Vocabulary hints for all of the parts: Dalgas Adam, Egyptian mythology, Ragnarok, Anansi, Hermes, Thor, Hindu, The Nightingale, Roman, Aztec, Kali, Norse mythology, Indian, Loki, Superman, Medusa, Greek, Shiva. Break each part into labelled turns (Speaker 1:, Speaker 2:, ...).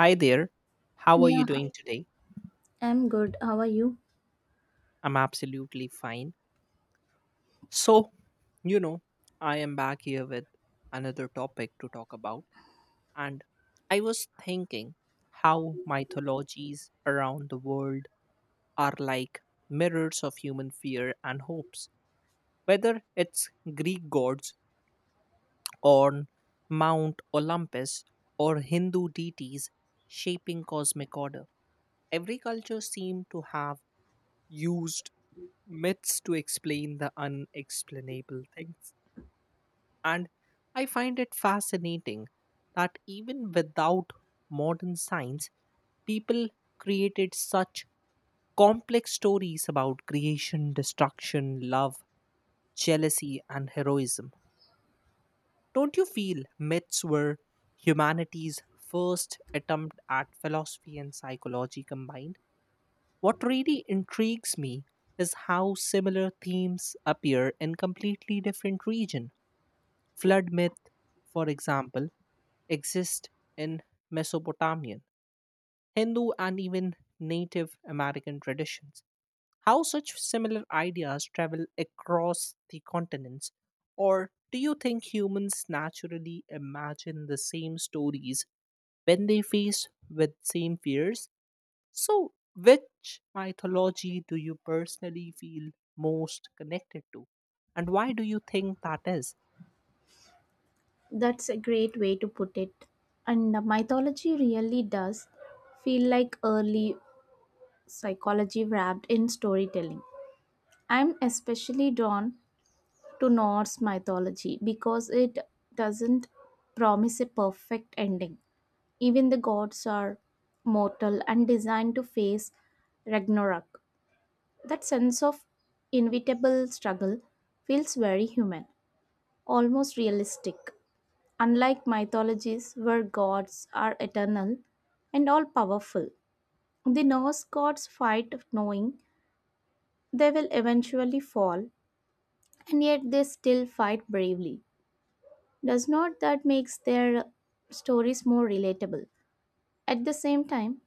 Speaker 1: Hi there. How are you
Speaker 2: Yeah,
Speaker 1: doing today?
Speaker 2: I'm good. How are you?
Speaker 1: I'm absolutely fine. So, you know, I am back here with another topic to talk about. And I was thinking how mythologies around the world are like mirrors of human fear and hopes. Whether it's Greek gods on Mount Olympus or Hindu deities shaping cosmic order, every culture seemed to have used myths to explain the unexplainable things. And I find it fascinating that even without modern science, people created such complex stories about creation, destruction, love, jealousy, and heroism. Don't you feel myths were humanity's first attempt at philosophy and psychology combined? What really intrigues me is how similar themes appear in completely different regions. Flood myth, for example, exists in Mesopotamian, Hindu, and even Native American traditions. How such similar ideas travel across the continents, or do you think humans naturally imagine the same stories when they face with same fears? So, which mythology do you personally feel most connected to? And why do you think that is?
Speaker 2: That's a great way to put it. And the mythology really does feel like early psychology wrapped in storytelling. I'm especially drawn to Norse mythology because it doesn't promise a perfect ending. Even the gods are mortal and designed to face Ragnarok. That sense of inevitable struggle feels very human, almost realistic. Unlike mythologies where gods are eternal and all powerful, the Norse gods fight knowing they will eventually fall and yet they still fight bravely. Does not that makes their stories more relatable? At the same time,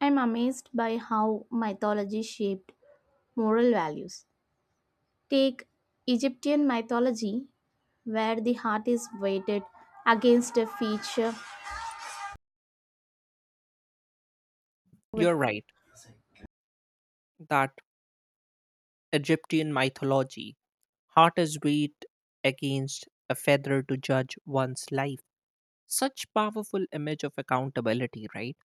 Speaker 2: I'm amazed by how mythology shaped moral values. Take Egyptian mythology where the heart is weighted against a feature with
Speaker 1: You're right that Egyptian mythology, heart is weighed against a feather to judge one's life. Such powerful image of accountability, right?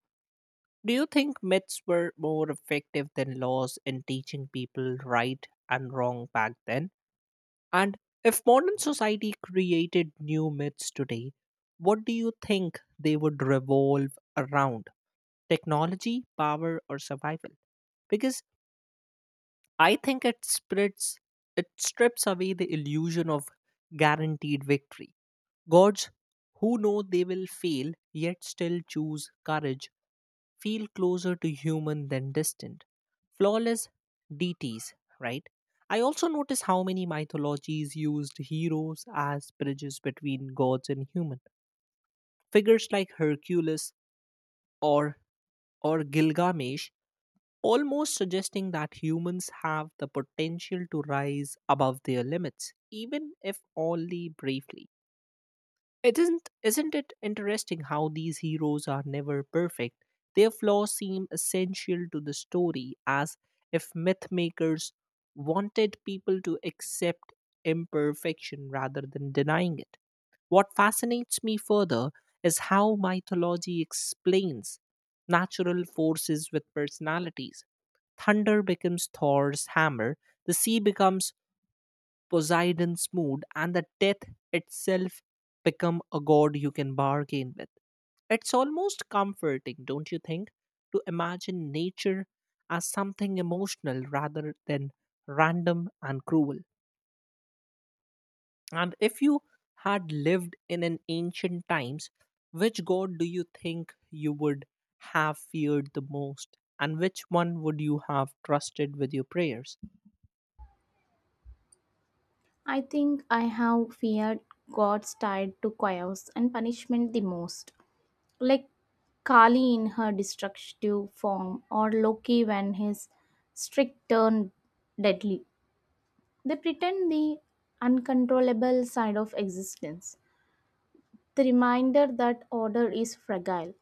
Speaker 1: Do you think myths were more effective than laws in teaching people right and wrong back then? And if modern society created new myths today, what do you think they would revolve around? Technology, power, or survival? Because I think it spreads, it strips away the illusion of guaranteed victory. Gods who know they will fail yet still choose courage feel closer to human than distant. Flawless deities, right? I also notice how many mythologies used heroes as bridges between gods and human. Figures like Hercules or or Gilgamesh almost suggesting that humans have the potential to rise above their limits, even if only briefly. It isn't it interesting how these heroes are never perfect? Their flaws seem essential to the story as if mythmakers wanted people to accept imperfection rather than denying it. What fascinates me further is how mythology explains natural forces with personalities. Thunder becomes Thor's hammer, the sea becomes Poseidon's mood, and the death itself become a god you can bargain with. It's almost comforting, don't you think, to imagine nature as something emotional rather than random and cruel. And if you had lived in an ancient times, which god do you think you would have feared the most? And which one would you have trusted with your prayers?
Speaker 2: I think I have feared gods tied to chaos and punishment the most, like Kali in her destructive form or Loki when his strict turn deadly. They pretend the uncontrollable side of existence, the reminder that order is fragile.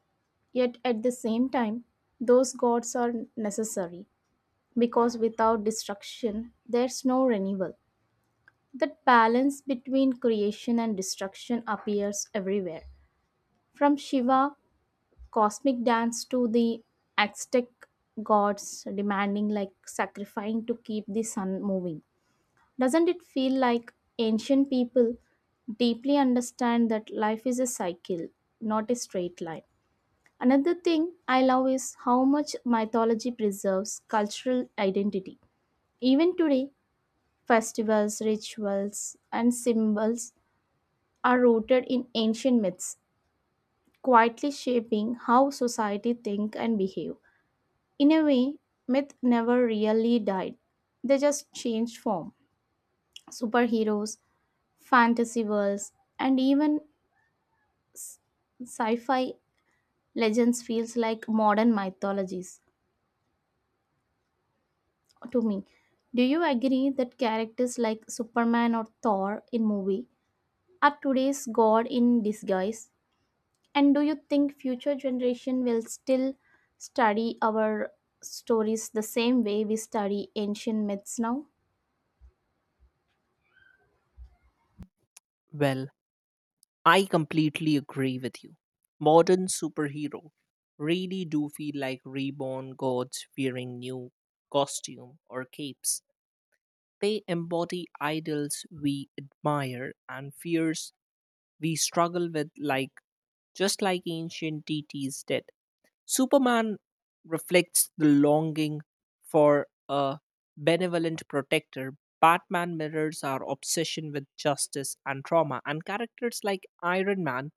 Speaker 2: Yet at the same time, those gods are necessary because without destruction, there's no renewal. That balance between creation and destruction appears everywhere, from Shiva cosmic dance to the Aztec gods demanding like sacrificing to keep the sun moving. Doesn't it feel like ancient people deeply understand that life is a cycle, not a straight line? Another thing I love is how much mythology preserves cultural identity. Even today, festivals, rituals, and symbols are rooted in ancient myths, quietly shaping how society think and behave. In a way, myth never really died. They just changed form. Superheroes, fantasy worlds, and even sci-fi legends feels like modern mythologies to me. Do you agree that characters like Superman or Thor in movie are today's god in disguise? And do you think future generation will still study our stories the same way we study ancient myths now?
Speaker 1: Well, I completely agree with you. Modern superhero really do feel like reborn gods wearing new costume or capes. They embody idols we admire and fears we struggle with, like just like ancient deities did. Superman reflects the longing for a benevolent protector. Batman mirrors our obsession with justice and trauma, and characters like Iron Man,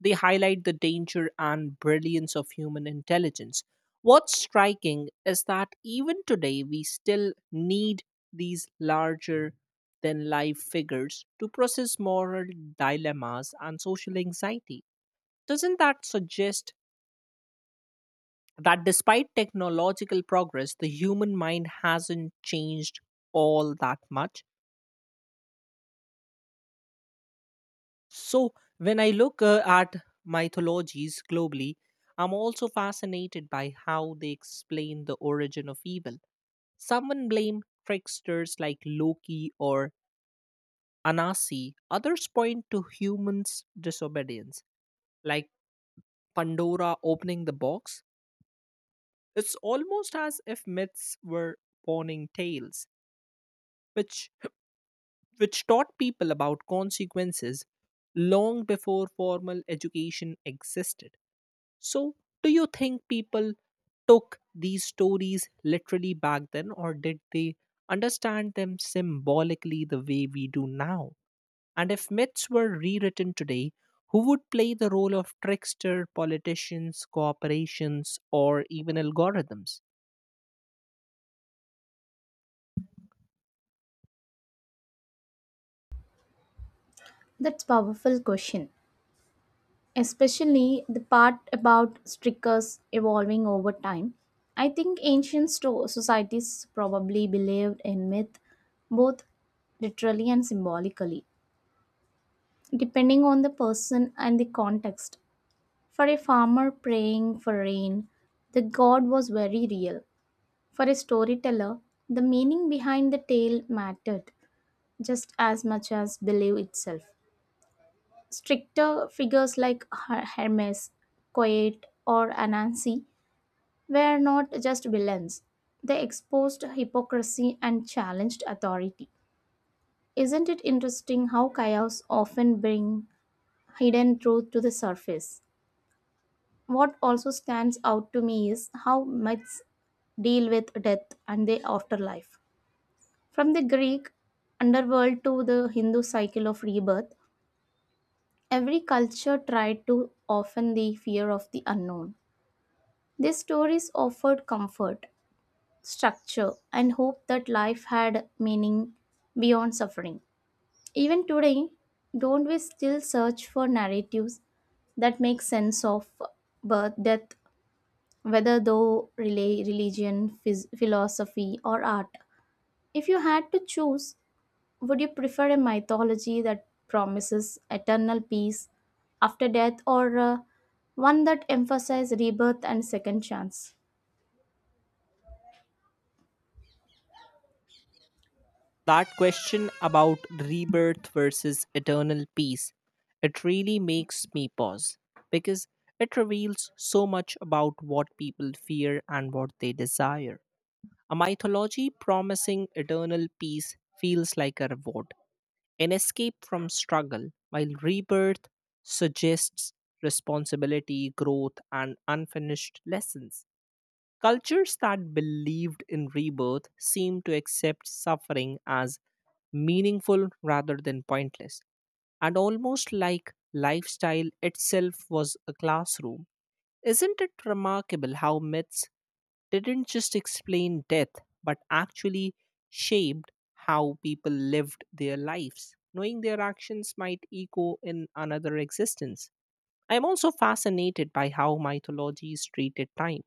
Speaker 1: they highlight the danger and brilliance of human intelligence. What's striking is that even today, we still need these larger than life figures to process moral dilemmas and social anxiety. Doesn't that suggest that despite technological progress, the human mind hasn't changed all that much? So, when I look at mythologies globally, I'm also fascinated by how they explain the origin of evil. Someone blame tricksters like Loki or Anansi, others point to humans' disobedience, like Pandora opening the box. It's almost as if myths were warning tales, which which taught people about consequences long before formal education existed. So, do you think people took these stories literally back then, or did they understand them symbolically the way we do now? And if myths were rewritten today, who would play the role of trickster, politicians, corporations, or even algorithms?
Speaker 2: That's powerful question, especially the part about strikers evolving over time. I think societies probably believed in myth both literally and symbolically, depending on the person and the context. For a farmer praying for rain, the god was very real. For a storyteller, the meaning behind the tale mattered just as much as belief itself. Stricter figures like Hermes, Coet, or Anansi were not just villains, they exposed hypocrisy and challenged authority. Isn't it interesting how chaos often bring hidden truth to the surface? What also stands out to me is how myths deal with death and the afterlife. From the Greek underworld to the Hindu cycle of rebirth, every culture tried to often the fear of the unknown. These stories offered comfort, structure, and hope that life had meaning beyond suffering. Even today, don't we still search for narratives that make sense of birth, death, whether though religion, philosophy, or art? If you had to choose, would you prefer a mythology that promises eternal peace after death or one that emphasizes rebirth and second chance?
Speaker 1: That question about rebirth versus eternal peace, it really makes me pause because it reveals so much about what people fear and what they desire. A mythology promising eternal peace feels like a reward, an escape from struggle, while rebirth suggests responsibility, growth, and unfinished lessons. Cultures that believed in rebirth seemed to accept suffering as meaningful rather than pointless, and almost like lifestyle itself was a classroom. Isn't it remarkable how myths didn't just explain death but actually shaped how people lived their lives, knowing their actions might echo in another existence? I am also fascinated by how mythologies treated time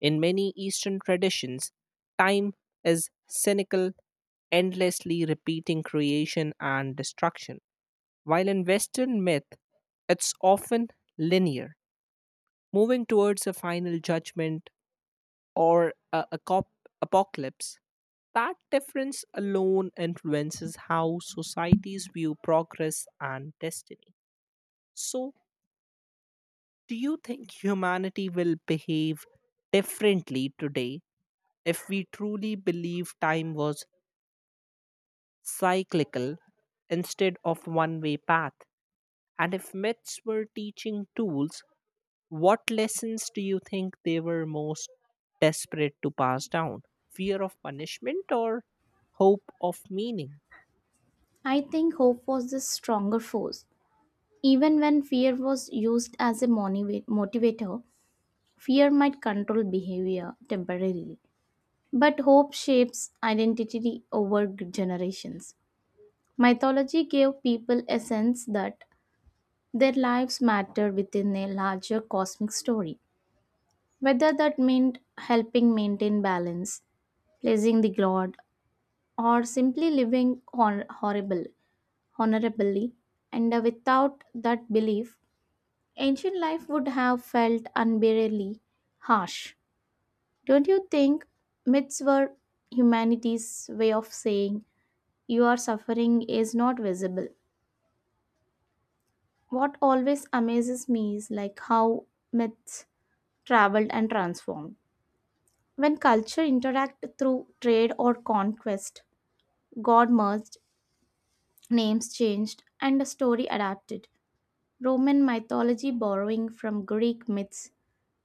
Speaker 1: in many Eastern traditions. Time is cynical, endlessly repeating creation and destruction, while in Western myth, it's often linear, moving towards a final judgment or apocalypse. That difference alone influences how societies view progress and destiny. So, do you think humanity will behave differently today if we truly believe time was cyclical instead of one way path? And if myths were teaching tools, what lessons do you think they were most desperate to pass down? Fear of punishment or hope of meaning?
Speaker 2: I think hope was the stronger force. Even when fear was used as a motivator, fear might control behavior temporarily. But hope shapes identity over generations. Mythology gave people a sense that their lives matter within a larger cosmic story. Whether that meant helping maintain balance, pleasing the god, or simply living honorably, and without that belief, ancient life would have felt unbearably harsh. Don't you think myths were humanity's way of saying your suffering is not visible? What always amazes me is like how myths traveled and transformed. When culture interact through trade or conquest, God merged, names changed, and the story adapted. Roman mythology, borrowing from Greek myths,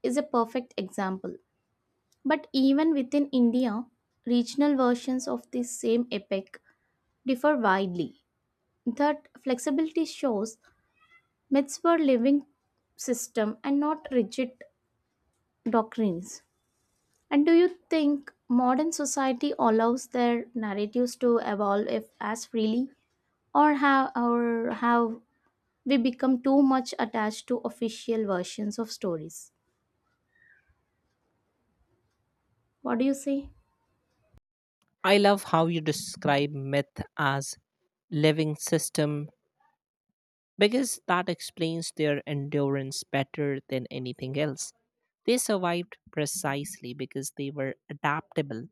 Speaker 2: is a perfect example. But even within India, regional versions of the same epic differ widely. That flexibility shows myths were living system and not rigid doctrines. And do you think modern society allows their narratives to evolve if as freely or have we become too much attached to official versions of stories. What do you say?
Speaker 1: I love how you describe myth as living system because that explains their endurance better than anything else. They survived precisely because they were adaptable,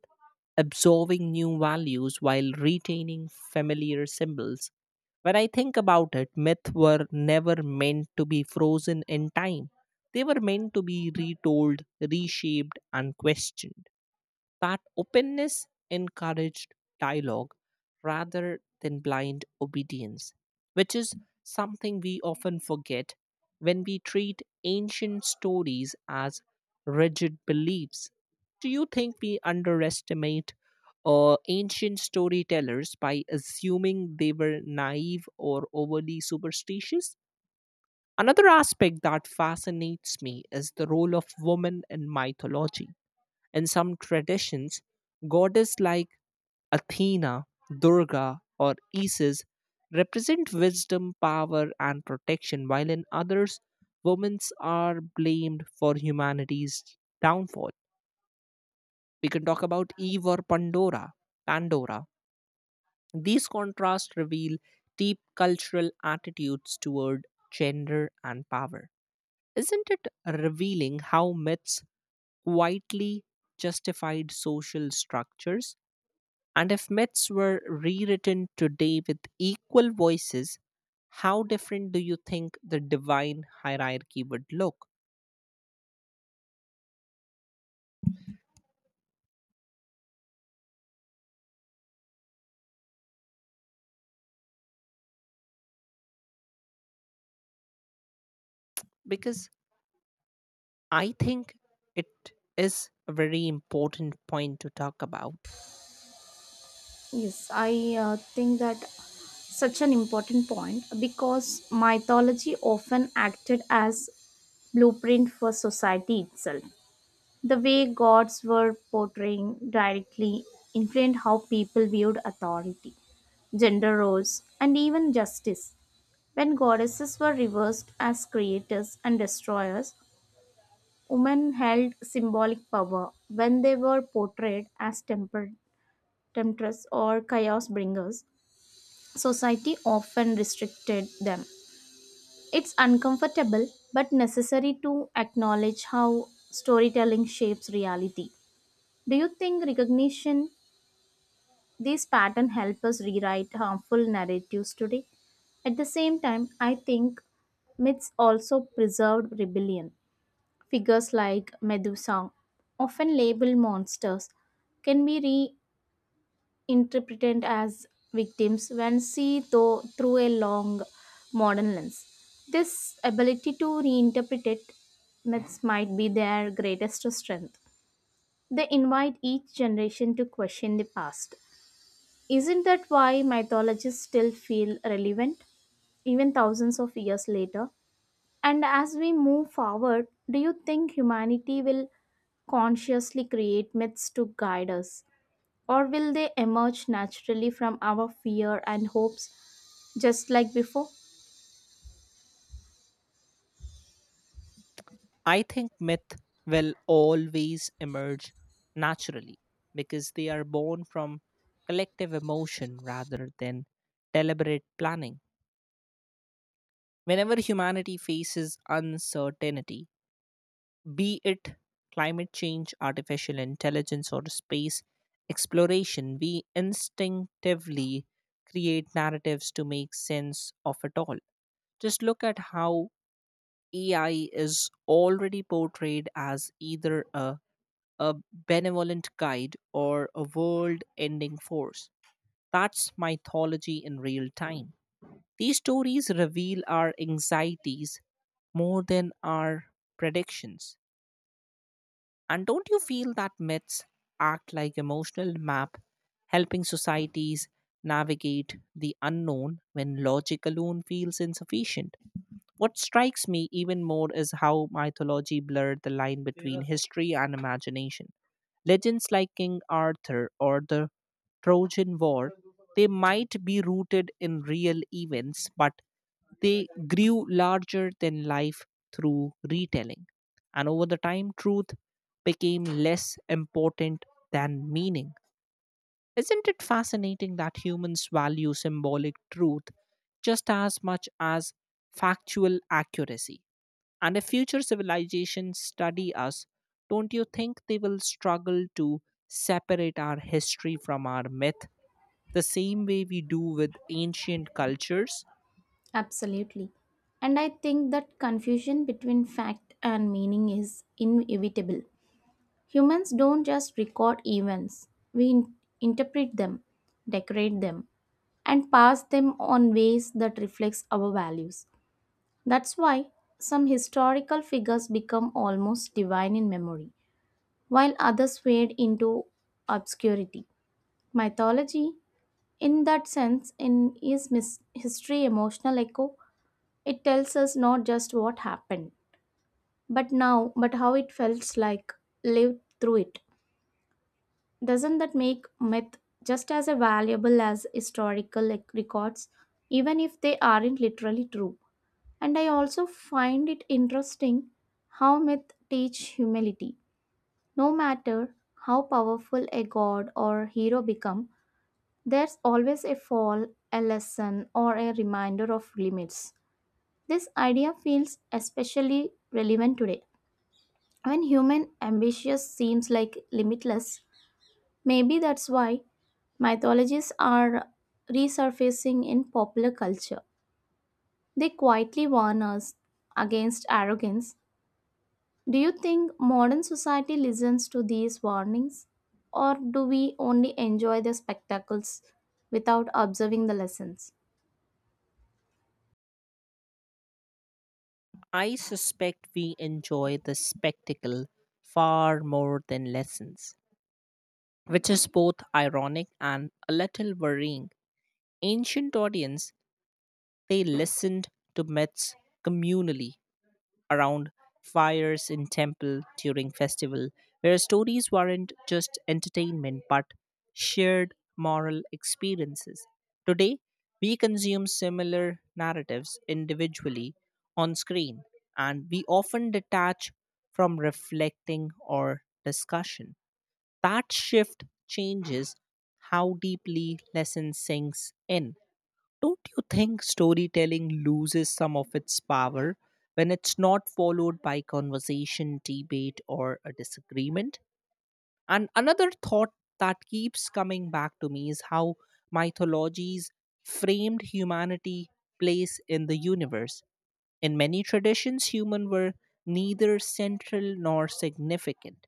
Speaker 1: absorbing new values while retaining familiar symbols. When I think about it, myths were never meant to be frozen in time. They were meant to be retold, reshaped, and questioned. That openness encouraged dialogue rather than blind obedience, which is something we often forget when we treat ancient stories as rigid beliefs. Do you think we underestimate ancient storytellers by assuming they were naive or overly superstitious? Another aspect that fascinates me is the role of women in mythology. In some traditions, goddesses like Athena, Durga, or Isis represent wisdom, power, and protection, while in others, women are blamed for humanity's downfall. We can talk about Eve or Pandora. These contrasts reveal deep cultural attitudes toward gender and power. Isn't it revealing how myths quietly justified social structures? And if myths were rewritten today with equal voices, how different do you think the divine hierarchy would look? Because I think it is a very important point to talk about.
Speaker 2: Yes, I think that such an important point because mythology often acted as blueprint for society itself. The way gods were portraying directly influenced how people viewed authority, gender roles, and even justice. When goddesses were reversed as creators and destroyers, women held symbolic power when they were portrayed as temptresses or chaos bringers. Society often restricted them. It's uncomfortable but necessary to acknowledge how storytelling shapes reality. Do you think recognition these patterns help us rewrite harmful narratives today? At the same time, I think myths also preserved rebellion. Figures like Medusa, often labeled monsters, can be reinterpreted as victims when seen though through a long modern lens. This ability to reinterpret it myths might be their greatest strength. They invite each generation to question the past. Isn't that why mythologies still feel relevant, even thousands of years later? And as we move forward, do you think humanity will consciously create myths to guide us? Or will they emerge naturally from our fear and hopes just like before?
Speaker 1: I think myth will always emerge naturally because they are born from collective emotion rather than deliberate planning. Whenever humanity faces uncertainty, be it climate change, artificial intelligence, or space exploration, we instinctively create narratives to make sense of it all. Just look at how AI is already portrayed as either a benevolent guide, or a world ending force. That's mythology in real time. These stories reveal our anxieties more than our predictions. And don't you feel that myths act like emotional map, helping societies navigate the unknown when logic alone feels insufficient? What strikes me even more is how mythology blurred the line between history and imagination. Legends like King Arthur or the Trojan War, they might be rooted in real events, but they grew larger than life through retelling. And over the time, truth became less important than meaning. Isn't it fascinating that humans value symbolic truth just as much as factual accuracy? And if future civilizations study us, don't you think they will struggle to separate our history from our myth the same way we do with ancient cultures?
Speaker 2: Absolutely. And I think that confusion between fact and meaning is inevitable. Humans don't just record events, we interpret them, decorate them, and pass them on ways that reflects our values. That's why some historical figures become almost divine in memory, while others fade into obscurity. Mythology, in that sense, history emotional echo. It tells us not just what happened, but now, but how it felt like, lived through it. Doesn't that make myth just as valuable as historical like, records, even if they aren't literally true? And I also find it interesting how myth teach humility. No matter how powerful a god or hero become, there's always a fall, a lesson, or a reminder of limits. This idea feels especially relevant today. When human ambition seems like limitless, maybe that's why mythologies are resurfacing in popular culture. They quietly warn us against arrogance. Do you think modern society listens to these warnings, or do we only enjoy the spectacles without observing the lessons?
Speaker 1: I suspect we enjoy the spectacle far more than lessons, which is both ironic and a little worrying. Ancient audience, they listened to myths communally around fires in temple during festival, where stories weren't just entertainment but shared moral experiences. Today we consume similar narratives individually on screen, and we often detach from reflecting or discussion. That shift changes how deeply lesson sinks in. Don't you think storytelling loses some of its power when it's not followed by conversation, debate, or a disagreement? And another thought that keeps coming back to me is how mythologies framed humanity place in the universe. In many traditions, humans were neither central nor significant.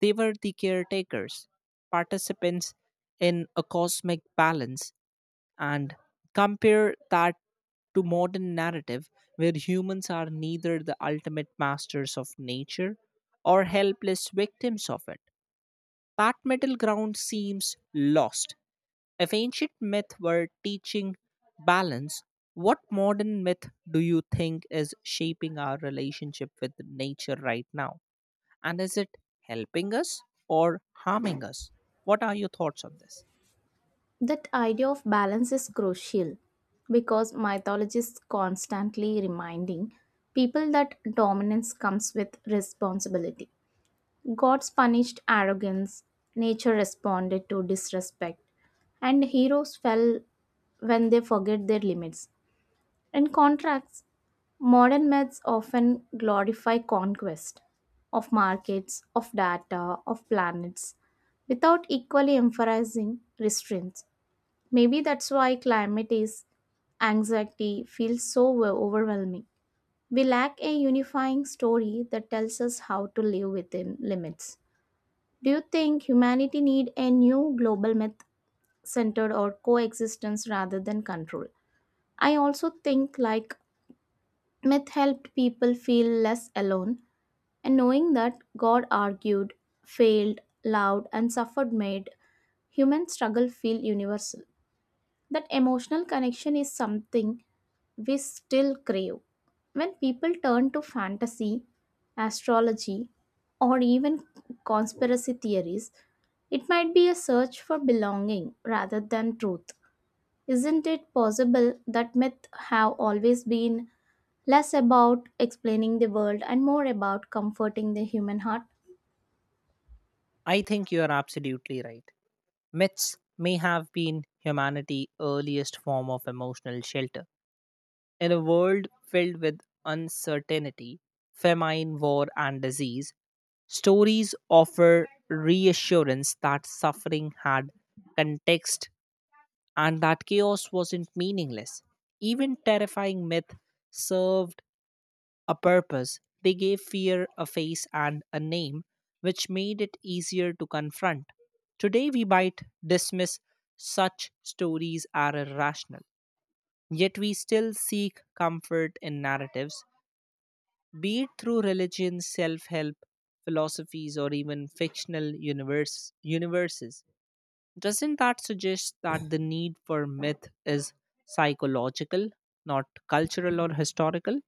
Speaker 1: They were the caretakers, participants in a cosmic balance, and compare that to modern narrative where humans are neither the ultimate masters of nature or helpless victims of it. That middle ground seems lost. If ancient myth were teaching balance, what modern myth do you think is shaping our relationship with nature right now? And is it helping us or harming us? What are your thoughts on this?
Speaker 2: That idea of balance is crucial because mythologists constantly reminding people that dominance comes with responsibility. Gods punished arrogance, nature responded to disrespect, and heroes fell when they forget their limits. In contrast, modern myths often glorify conquest of markets, of data, of planets, without equally emphasizing restraints. Maybe that's why climate is anxiety feels so overwhelming. We lack a unifying story that tells us how to live within limits. Do you think humanity need a new global myth centered or coexistence rather than control? I also think like myth helped people feel less alone. And knowing that God argued, failed, loved, and suffered made human struggle feel universal. That emotional connection is something we still crave. When people turn to fantasy, astrology, or even conspiracy theories, it might be a search for belonging rather than truth. Isn't it possible that myths have always been less about explaining the world and more about comforting the human heart?
Speaker 1: I think you are absolutely right. Myths may have been humanity's earliest form of emotional shelter. In a world filled with uncertainty, famine, war, and disease, stories offer reassurance that suffering had context and that chaos wasn't meaningless. Even terrifying myths served a purpose. They gave fear a face and a name, which made it easier to confront. Today, we might dismiss such stories as irrational, yet, we still seek comfort in narratives, be it through religion, self help, philosophies, or even universes. Doesn't that suggest that the need for myth is psychological, not cultural or historical?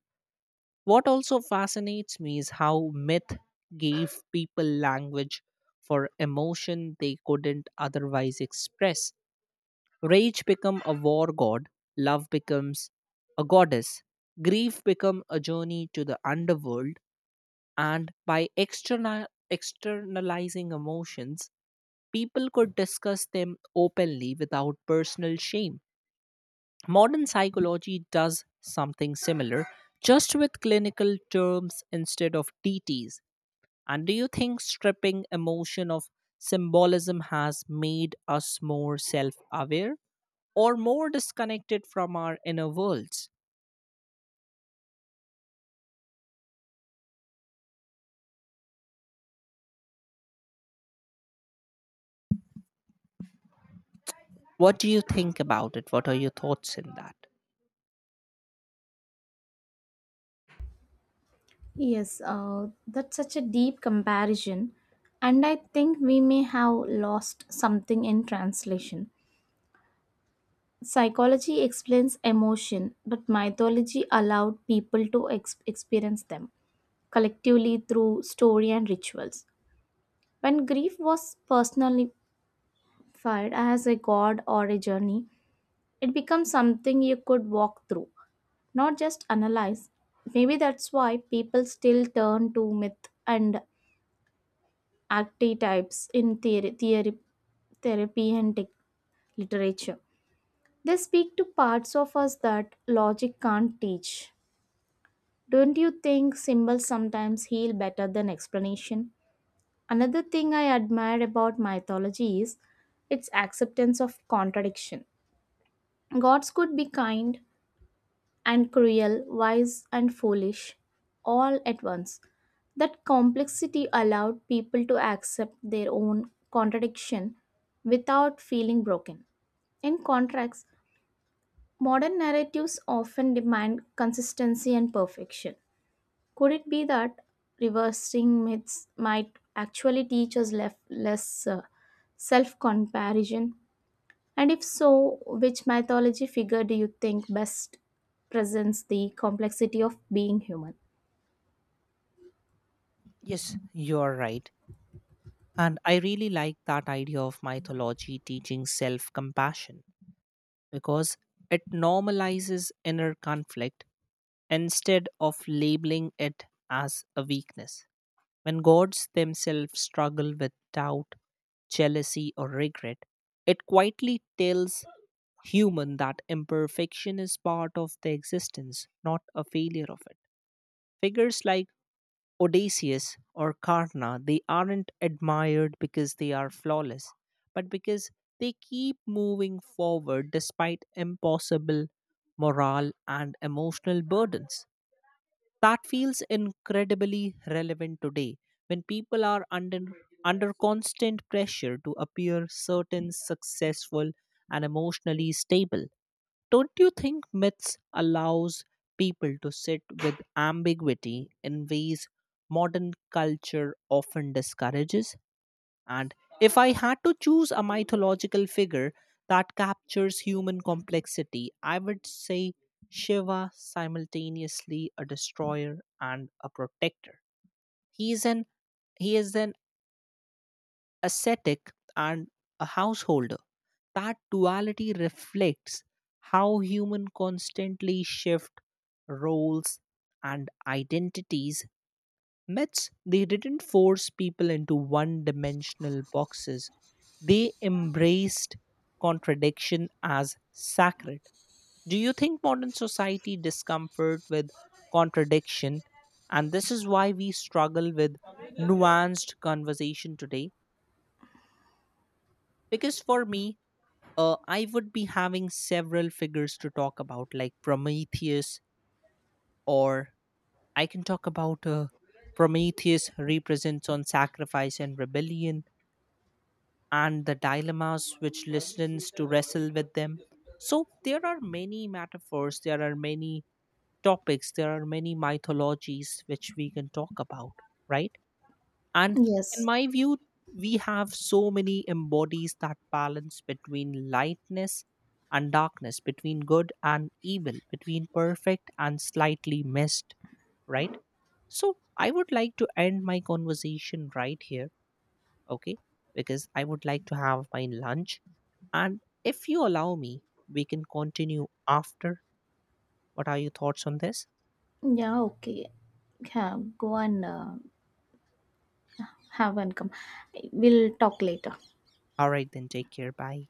Speaker 1: What also fascinates me is how myth gave people language for emotion they couldn't otherwise express. Rage become a war god, love becomes a goddess, grief become a journey to the underworld, and by externalizing emotions, people could discuss them openly without personal shame. Modern psychology does something similar, just with clinical terms instead of DTs. And do you think stripping emotion of symbolism has made us more self aware or more disconnected from our inner worlds? What do you think about it? What are your thoughts in that?
Speaker 2: Yes, that's such a deep comparison, and I think we may have lost something in translation. Psychology explains emotion, but mythology allowed people to experience them collectively through story and rituals. When grief was personified as a god or a journey, it becomes something you could walk through, not just analyze. Maybe that's why people still turn to myth and active types in theory therapy and tech literature. They speak to parts of us that logic can't teach. Don't you think symbols sometimes heal better than explanation? Another thing I admire about mythology is its acceptance of contradiction. Gods could be kind, and cruel, wise and foolish, all at once. That complexity allowed people to accept their own contradiction without feeling broken. In contrast, modern narratives often demand consistency and perfection. Could it be that reversing myths might actually teach us less self comparison and if so, which mythology figure do you think best presents the complexity of being human?
Speaker 1: Yes, you are right. And I really like that idea of mythology teaching self compassion because it normalizes inner conflict instead of labeling it as a weakness. When gods themselves struggle with doubt, jealousy, or regret, it quietly tells human that imperfection is part of the existence, not a failure of it. Figures like Odysseus or Karna, they aren't admired because they are flawless, but because they keep moving forward despite impossible moral and emotional burdens. That feels incredibly relevant today when people are under constant pressure to appear certain, successful, and emotionally stable. Don't you think myths allows people to sit with ambiguity in ways modern culture often discourages? And if I had to choose a mythological figure that captures human complexity, I would say Shiva simultaneously a destroyer and a protector. He is an he is an ascetic and a householder. That duality reflects how human constantly shift roles and identities. Myths, they didn't force people into one dimensional boxes. They embraced contradiction as sacred. Do you think modern society discomfort with contradiction? And this is why we struggle with nuanced conversation today? Because for me, I would be having several figures to talk about, like Prometheus, or I can talk about Prometheus represents on sacrifice and rebellion and the dilemmas which listens to wrestle with them. So there are many metaphors, there are many topics, there are many mythologies which we can talk about, right? And in
Speaker 2: Yes.
Speaker 1: my view, we have so many embodies that balance between lightness and darkness, between good and evil, between perfect and slightly missed, right? So I would like to end my conversation right here, okay, because I would like to have my lunch, and if you allow me, we can continue after. What are your thoughts on this?
Speaker 2: Yeah, okay. Yeah, go and have and come. We'll talk later.
Speaker 1: All right then, take care, bye.